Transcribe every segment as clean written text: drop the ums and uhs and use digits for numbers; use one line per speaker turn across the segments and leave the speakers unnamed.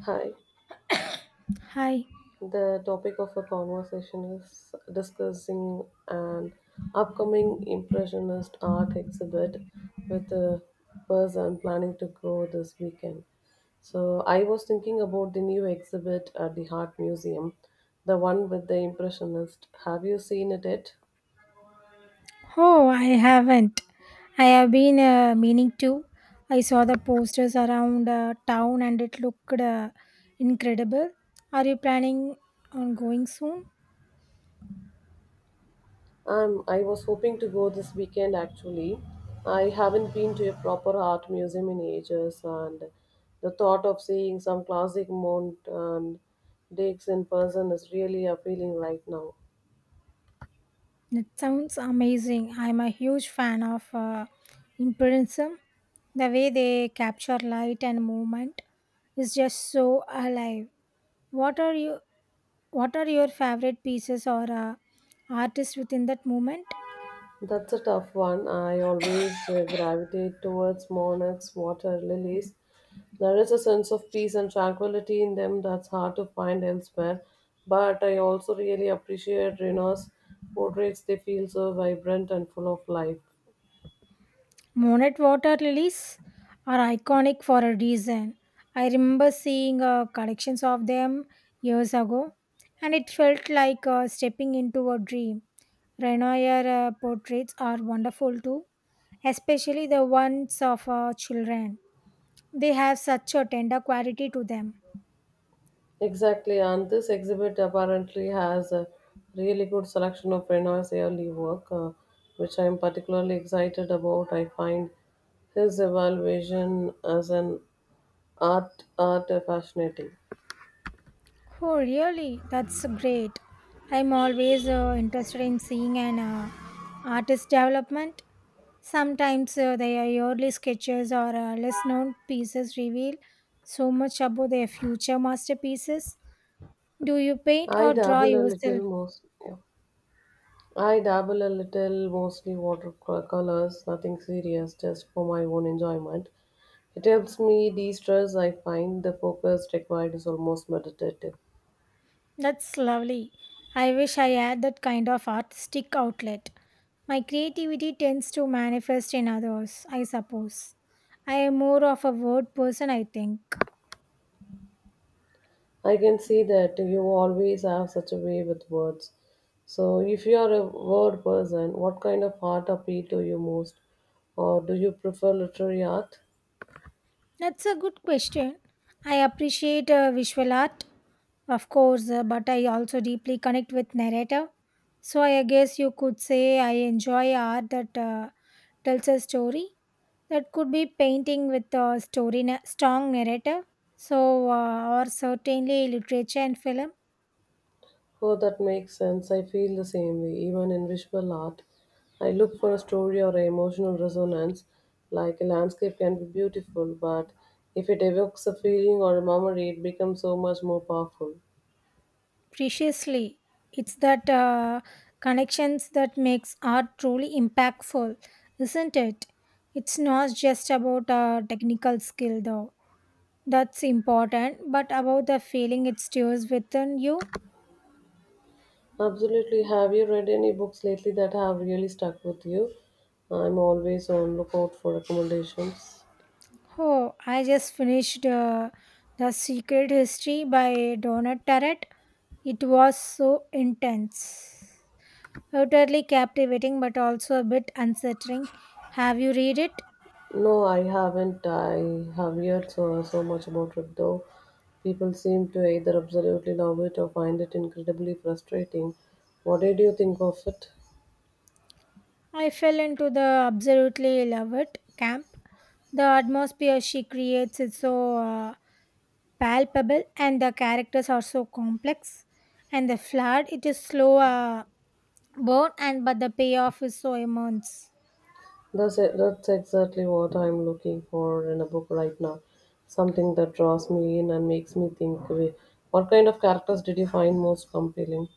Hi.
Hi.
The topic of our conversation is discussing an upcoming Impressionist art exhibit with a person planning to go this weekend. So, I was thinking about the new exhibit at the Art Museum, the one with the Impressionist. Have you seen it yet?
Oh, I haven't. I have been meaning to. I saw the posters around town and it looked incredible. Are you planning on going soon?
I was hoping to go this weekend actually. I haven't been to a proper art museum in ages, and the thought of seeing some classic Mount and Dix in person is really appealing right now.
It sounds amazing. I'm a huge fan of Impressionism. The way they capture light and movement is just so alive. What are you? What are your favorite pieces or artists within that movement?
That's a tough one. I always gravitate towards monarchs, water lilies. There is a sense of peace and tranquility in them that's hard to find elsewhere. But I also really appreciate Reno's portraits. They feel so vibrant and full of life.
Monet water lilies are iconic for a reason. I remember seeing collections of them years ago, and it felt like stepping into a dream. Renoir portraits are wonderful too, especially the ones of children. They have such a tender quality to them.
Exactly, and this exhibit apparently has a really good selection of Renoir's early work, which I am particularly excited about. I find his evaluation as an art fascinating.
Oh, really? That's great. I'm always interested in seeing an artist development. Sometimes their yearly sketches or less known pieces reveal so much about their future masterpieces. Do you paint
I
or draw
dabble a
yourself?
little most. Yeah. I dabble a little mostly watercolors, nothing serious, just for my own enjoyment. It helps me de-stress. I find the focus required is almost meditative.
That's lovely. I wish I had that kind of artistic outlet. My creativity tends to manifest in others, I suppose. I am more of a word person, I think.
I can see that you always have such a way with words. So, if you are a word person, what kind of art appeal to you most? Or do you prefer literary art?
That's a good question. I appreciate visual art, of course, but I also deeply connect with narrative. So I guess you could say I enjoy art that tells a story. That could be painting with a story, strong narrative. So, or certainly literature and film.
Oh, that makes sense. I feel the same way, even in visual art. I look for a story or a emotional resonance. Like a landscape can be beautiful, but if it evokes a feeling or a memory, it becomes so much more powerful.
Preciously, it's that connections that makes art truly impactful, isn't it? It's not just about technical skill though. That's important, but about the feeling it stirs within you.
Absolutely. Have you read any books lately that have really stuck with you? I'm always on lookout for recommendations.
Oh, I just finished The Secret History by Donald Tarrant. It was so intense. Utterly captivating, but also a bit unsettling. Have you read it?
No, I haven't. I have heard so much about it though. People seem to either absolutely love it or find it incredibly frustrating. What did you think of it?
I fell into the absolutely love it camp. The atmosphere she creates is so palpable, and the characters are so complex and the flood. It is slow. Born and but the payoff is so immense.
That's exactly what I'm looking for in a book right now. Something that draws me in and makes me think. "Wait, What kind of characters did you find most compelling?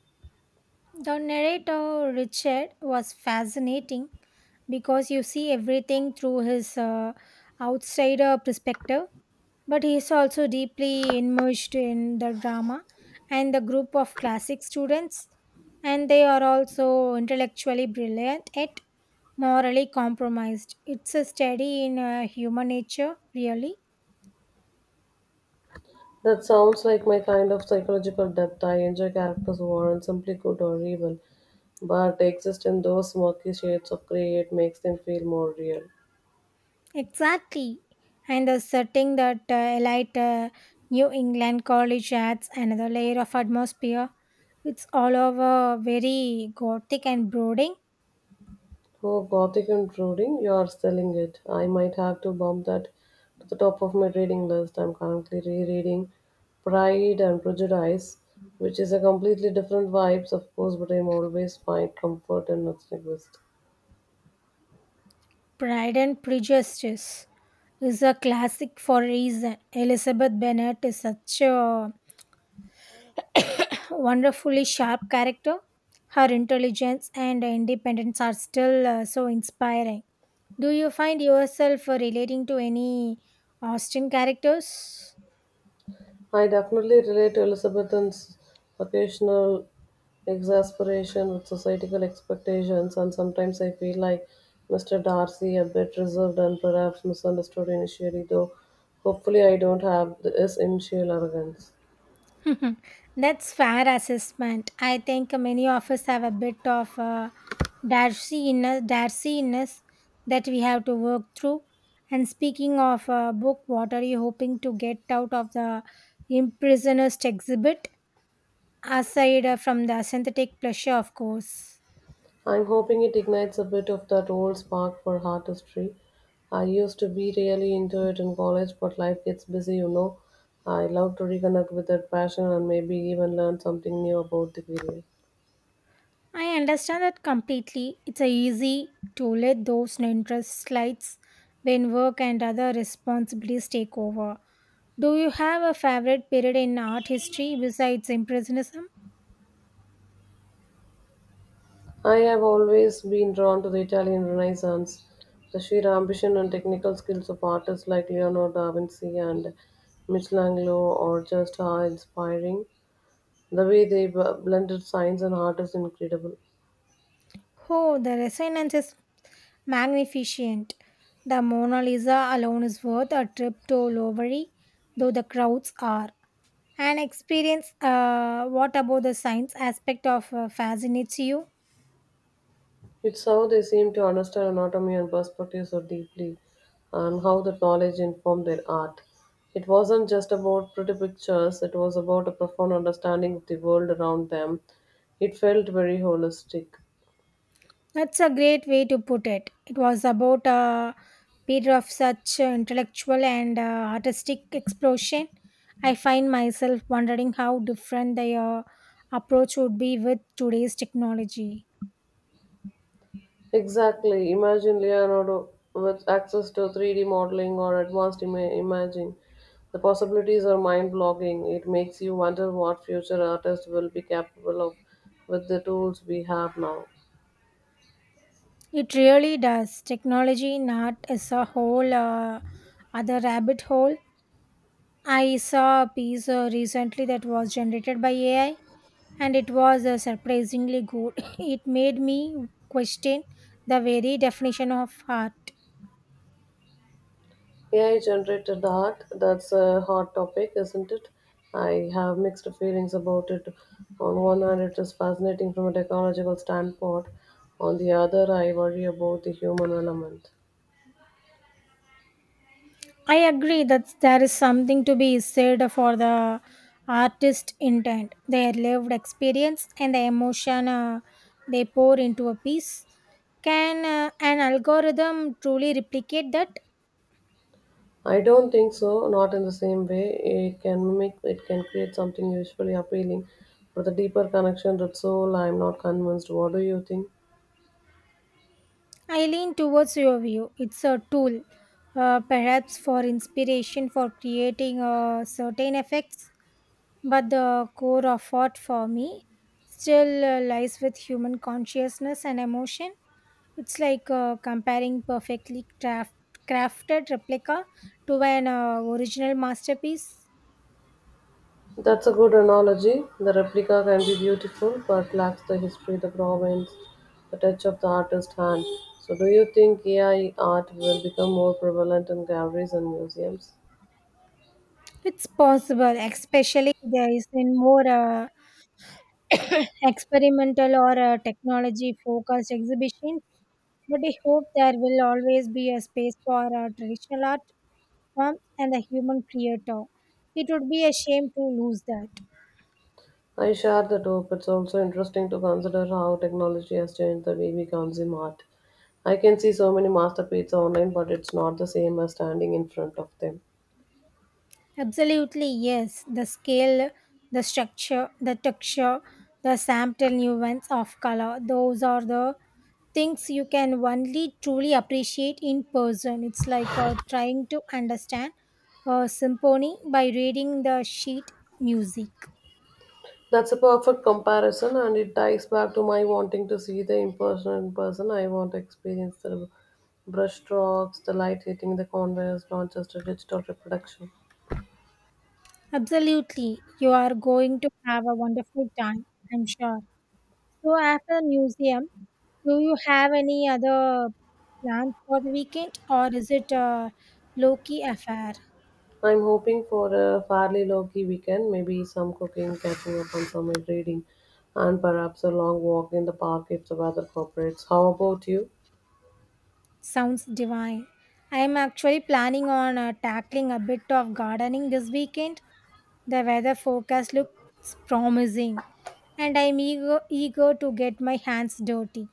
The narrator Richard was fascinating because you see everything through his outsider perspective, but he is also deeply immersed in the drama and the group of classic students, and they are also intellectually brilliant yet morally compromised. It's a study in human nature, really.
That sounds like my kind of psychological depth. I enjoy characters who aren't simply good or evil, but exist in those murky shades of grey. It makes them feel more real.
Exactly. And the setting, that elite New England college adds another layer of atmosphere. It's all over very gothic and brooding.
Oh, gothic and brooding, you are selling it. I might have to bump that to the top of my reading list. I'm currently rereading Pride and Prejudice, which is a completely different vibes, of course, but I'm always find comfort in its linguist.
Pride and Prejudice is a classic for a reason. Elizabeth Bennet is such a wonderfully sharp character. Her intelligence and independence are still so inspiring. Do you find yourself relating to any Austen characters?
I definitely relate to Elizabethan's occasional exasperation with societal expectations, and sometimes I feel like Mr. Darcy, a bit reserved and perhaps misunderstood initially, though hopefully I don't have his initial arrogance.
Mhm. That's fair assessment. I think many of us have a bit of Darcy inner Darcy-ness that we have to work through. And speaking of book, what are you hoping to get out of the impressionist exhibit aside from the synthetic pleasure, of course?
I'm hoping it ignites a bit of that old spark for artistry. I used to be really into it in college, but life gets busy, you know. I love to reconnect with that passion and maybe even learn something new about the period.
I understand that completely. It's easy to let those interest slides when work and other responsibilities take over. Do you have a favorite period in art history besides Impressionism?
I have always been drawn to the Italian Renaissance, the sheer ambition and technical skills of artists like Leonardo da Vinci and Michelangelo are just are inspiring. The way they blended science and art is incredible.
Oh, the resonance is magnificent. The Mona Lisa alone is worth a trip to Louvre, though the crowds are. An experience, what about the science aspect of fascinates you?
It's how they seem to understand anatomy and perspective so deeply, and how that knowledge informed their art. It wasn't just about pretty pictures, it was about a profound understanding of the world around them. It felt very holistic.
That's a great way to put it. It was about a period of such intellectual and artistic explosion. I find myself wondering how different the approach would be with today's technology.
Exactly. Imagine Leonardo with access to 3D modeling or advanced imaging. The possibilities are mind-boggling. It makes you wonder what future artists will be capable of with the tools we have now.
It really does. Technology in art is a whole other rabbit hole. I saw a piece recently that was generated by AI and it was surprisingly good. It made me question the very definition of art.
AI generated art, that's a hot topic, isn't it? I have mixed feelings about it. On one hand, it is fascinating from a technological standpoint. On the other, I worry about the human element.
I agree that there is something to be said for the artist intent, their lived experience, and the emotion they pour into a piece. Can an algorithm truly replicate that?
I don't think so, not in the same way. It can create something usually appealing, but the deeper connection with soul, I'm not convinced. What do you think?
I lean towards your view. It's a tool, perhaps for inspiration for creating certain effects, but the core of art for me still lies with human consciousness and emotion. It's like comparing perfectly crafted replica to an original masterpiece.
That's a good analogy. The replica can be beautiful, but lacks the history, the provenance, the touch of the artist's hand. So, do you think AI art will become more prevalent in galleries and museums?
It's possible, especially there is in more experimental or technology focused exhibitions, but I hope there will always be a space for traditional art forms and the human creator. It would be a shame to lose that.
I share that hope. It's also interesting to consider how technology has changed the way we consume art. I can see so many masterpieces online, but it's not the same as standing in front of them.
Absolutely, yes. The scale, the structure, the texture, the sample nuance of color, those are the things you can only truly appreciate in person. It's like trying to understand a symphony by reading the sheet music.
That's a perfect comparison, and it ties back to my wanting to see the impersonal in person. I want to experience the brush strokes, the light hitting the canvas, not just a digital reproduction.
Absolutely, you are going to have a wonderful time, I'm sure. So, after museum, do you have any other plans for the weekend, or is it a low key affair?
I'm hoping for a fairly low-key weekend, maybe some cooking, catching up on some reading, and perhaps a long walk in the park if the weather cooperates. How about you?
Sounds divine. I am actually planning on tackling a bit of gardening this weekend. The weather forecast looks promising, and I'm eager to get my hands dirty.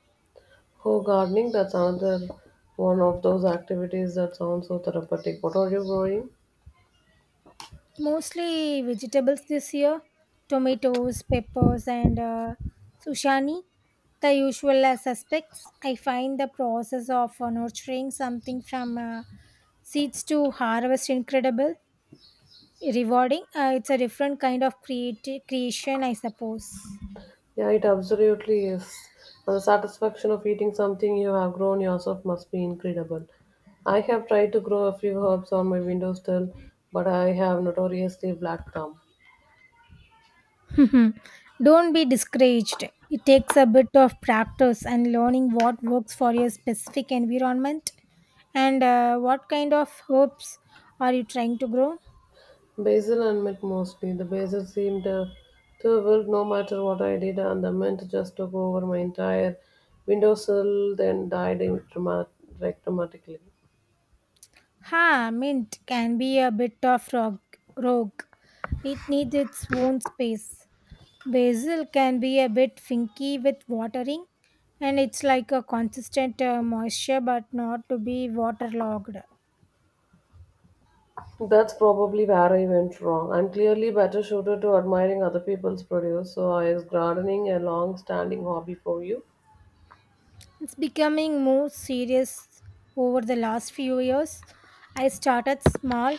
Oh, gardening, that's another one of those activities that sounds so therapeutic. What are you growing?
Mostly vegetables this year, tomatoes, peppers, and sushani, the usual suspects. I find the process of nurturing something from seeds to harvest incredible. Rewarding, it's a different kind of creation, I suppose.
Yeah, it absolutely is. And the satisfaction of eating something you have grown yourself must be incredible. I have tried to grow a few herbs on my windowsill, but I have notoriously black thumb.
Mhm. Don't be discouraged. It takes a bit of practice and learning what works for your specific environment and what kind of hopes are you trying to grow.
Basil and mint mostly. The basil seemed to wilt no matter what I did, and the mint just took over my entire windowsill, then died in dramatically.
Ha, mint can be a bit of rogue. It needs its own space. Basil can be a bit finky with watering, and it's like a consistent moisture but not to be waterlogged.
That's probably where I went wrong. I'm clearly better suited to admiring other people's produce, so is gardening a long standing hobby for you?
It's becoming more serious over the last few years. I started small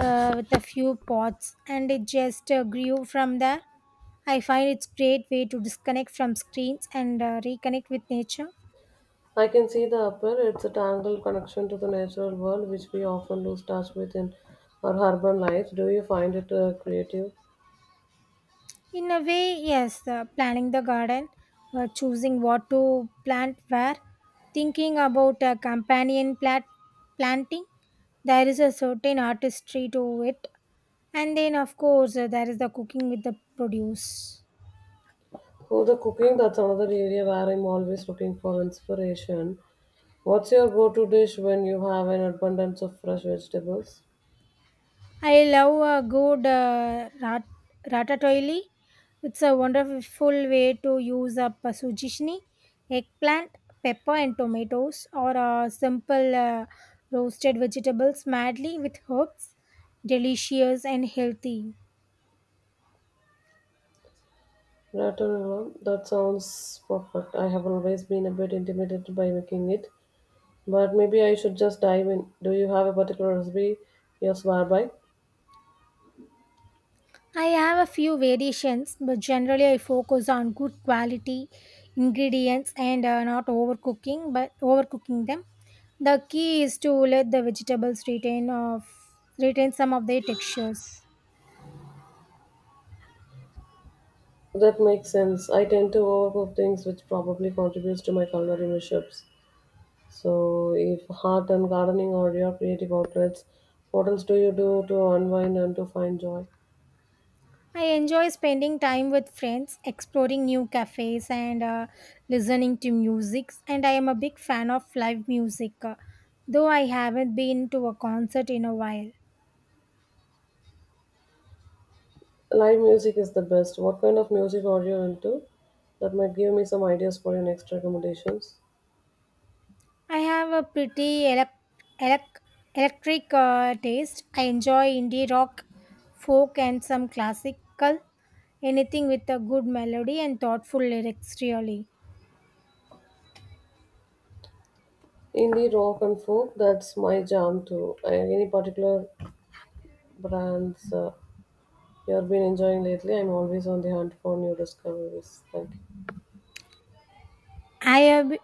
uh, with a few pots and it just grew from there. I find it's great way to disconnect from screens and reconnect with nature.
I can see the appeal. It's a tangled connection to the natural world, which we often lose touch with in our urban lives. Do you find it creative?
In a way, yes, planning the garden, choosing what to plant where, thinking about a companion planting, there is a certain artistry to it. And then, of course, there is the cooking with the produce.
For the cooking, that's another area where I'm always looking for inspiration. What's your go-to dish when you have an abundance of fresh vegetables?
I love a good ratatouille. It's a wonderful way to use up a sugishni, eggplant, pepper, and tomatoes, or a simple roasted vegetables madly with herbs. Delicious and healthy.
Ratatouille. That sounds perfect. I have always been a bit intimidated by making it, but maybe I should just dive in. Do you have a particular recipe you swear by?
I have a few variations, but generally I focus on good quality ingredients and not overcooking, but overcooking them. The key is to let the vegetables retain some of their textures.
That makes sense. I tend to overcook things, which probably contributes to my culinary mishaps. So, if heart and gardening are your creative outlets, what else do you do to unwind and to find joy?
I enjoy spending time with friends, exploring new cafes, and listening to music. And I am a big fan of live music, though I haven't been to a concert in a while.
Live music is the best. What kind of music are you into? That might give me some ideas for your next recommendations.
I have a pretty elec- electric taste. I enjoy indie rock, folk, and some classical. Anything with a good melody and thoughtful lyrics, really.
Indie rock and folk, that's my jam too. Any particular brands you've been enjoying lately? I'm always on the hunt for new discoveries. Thank you.
I have. Be-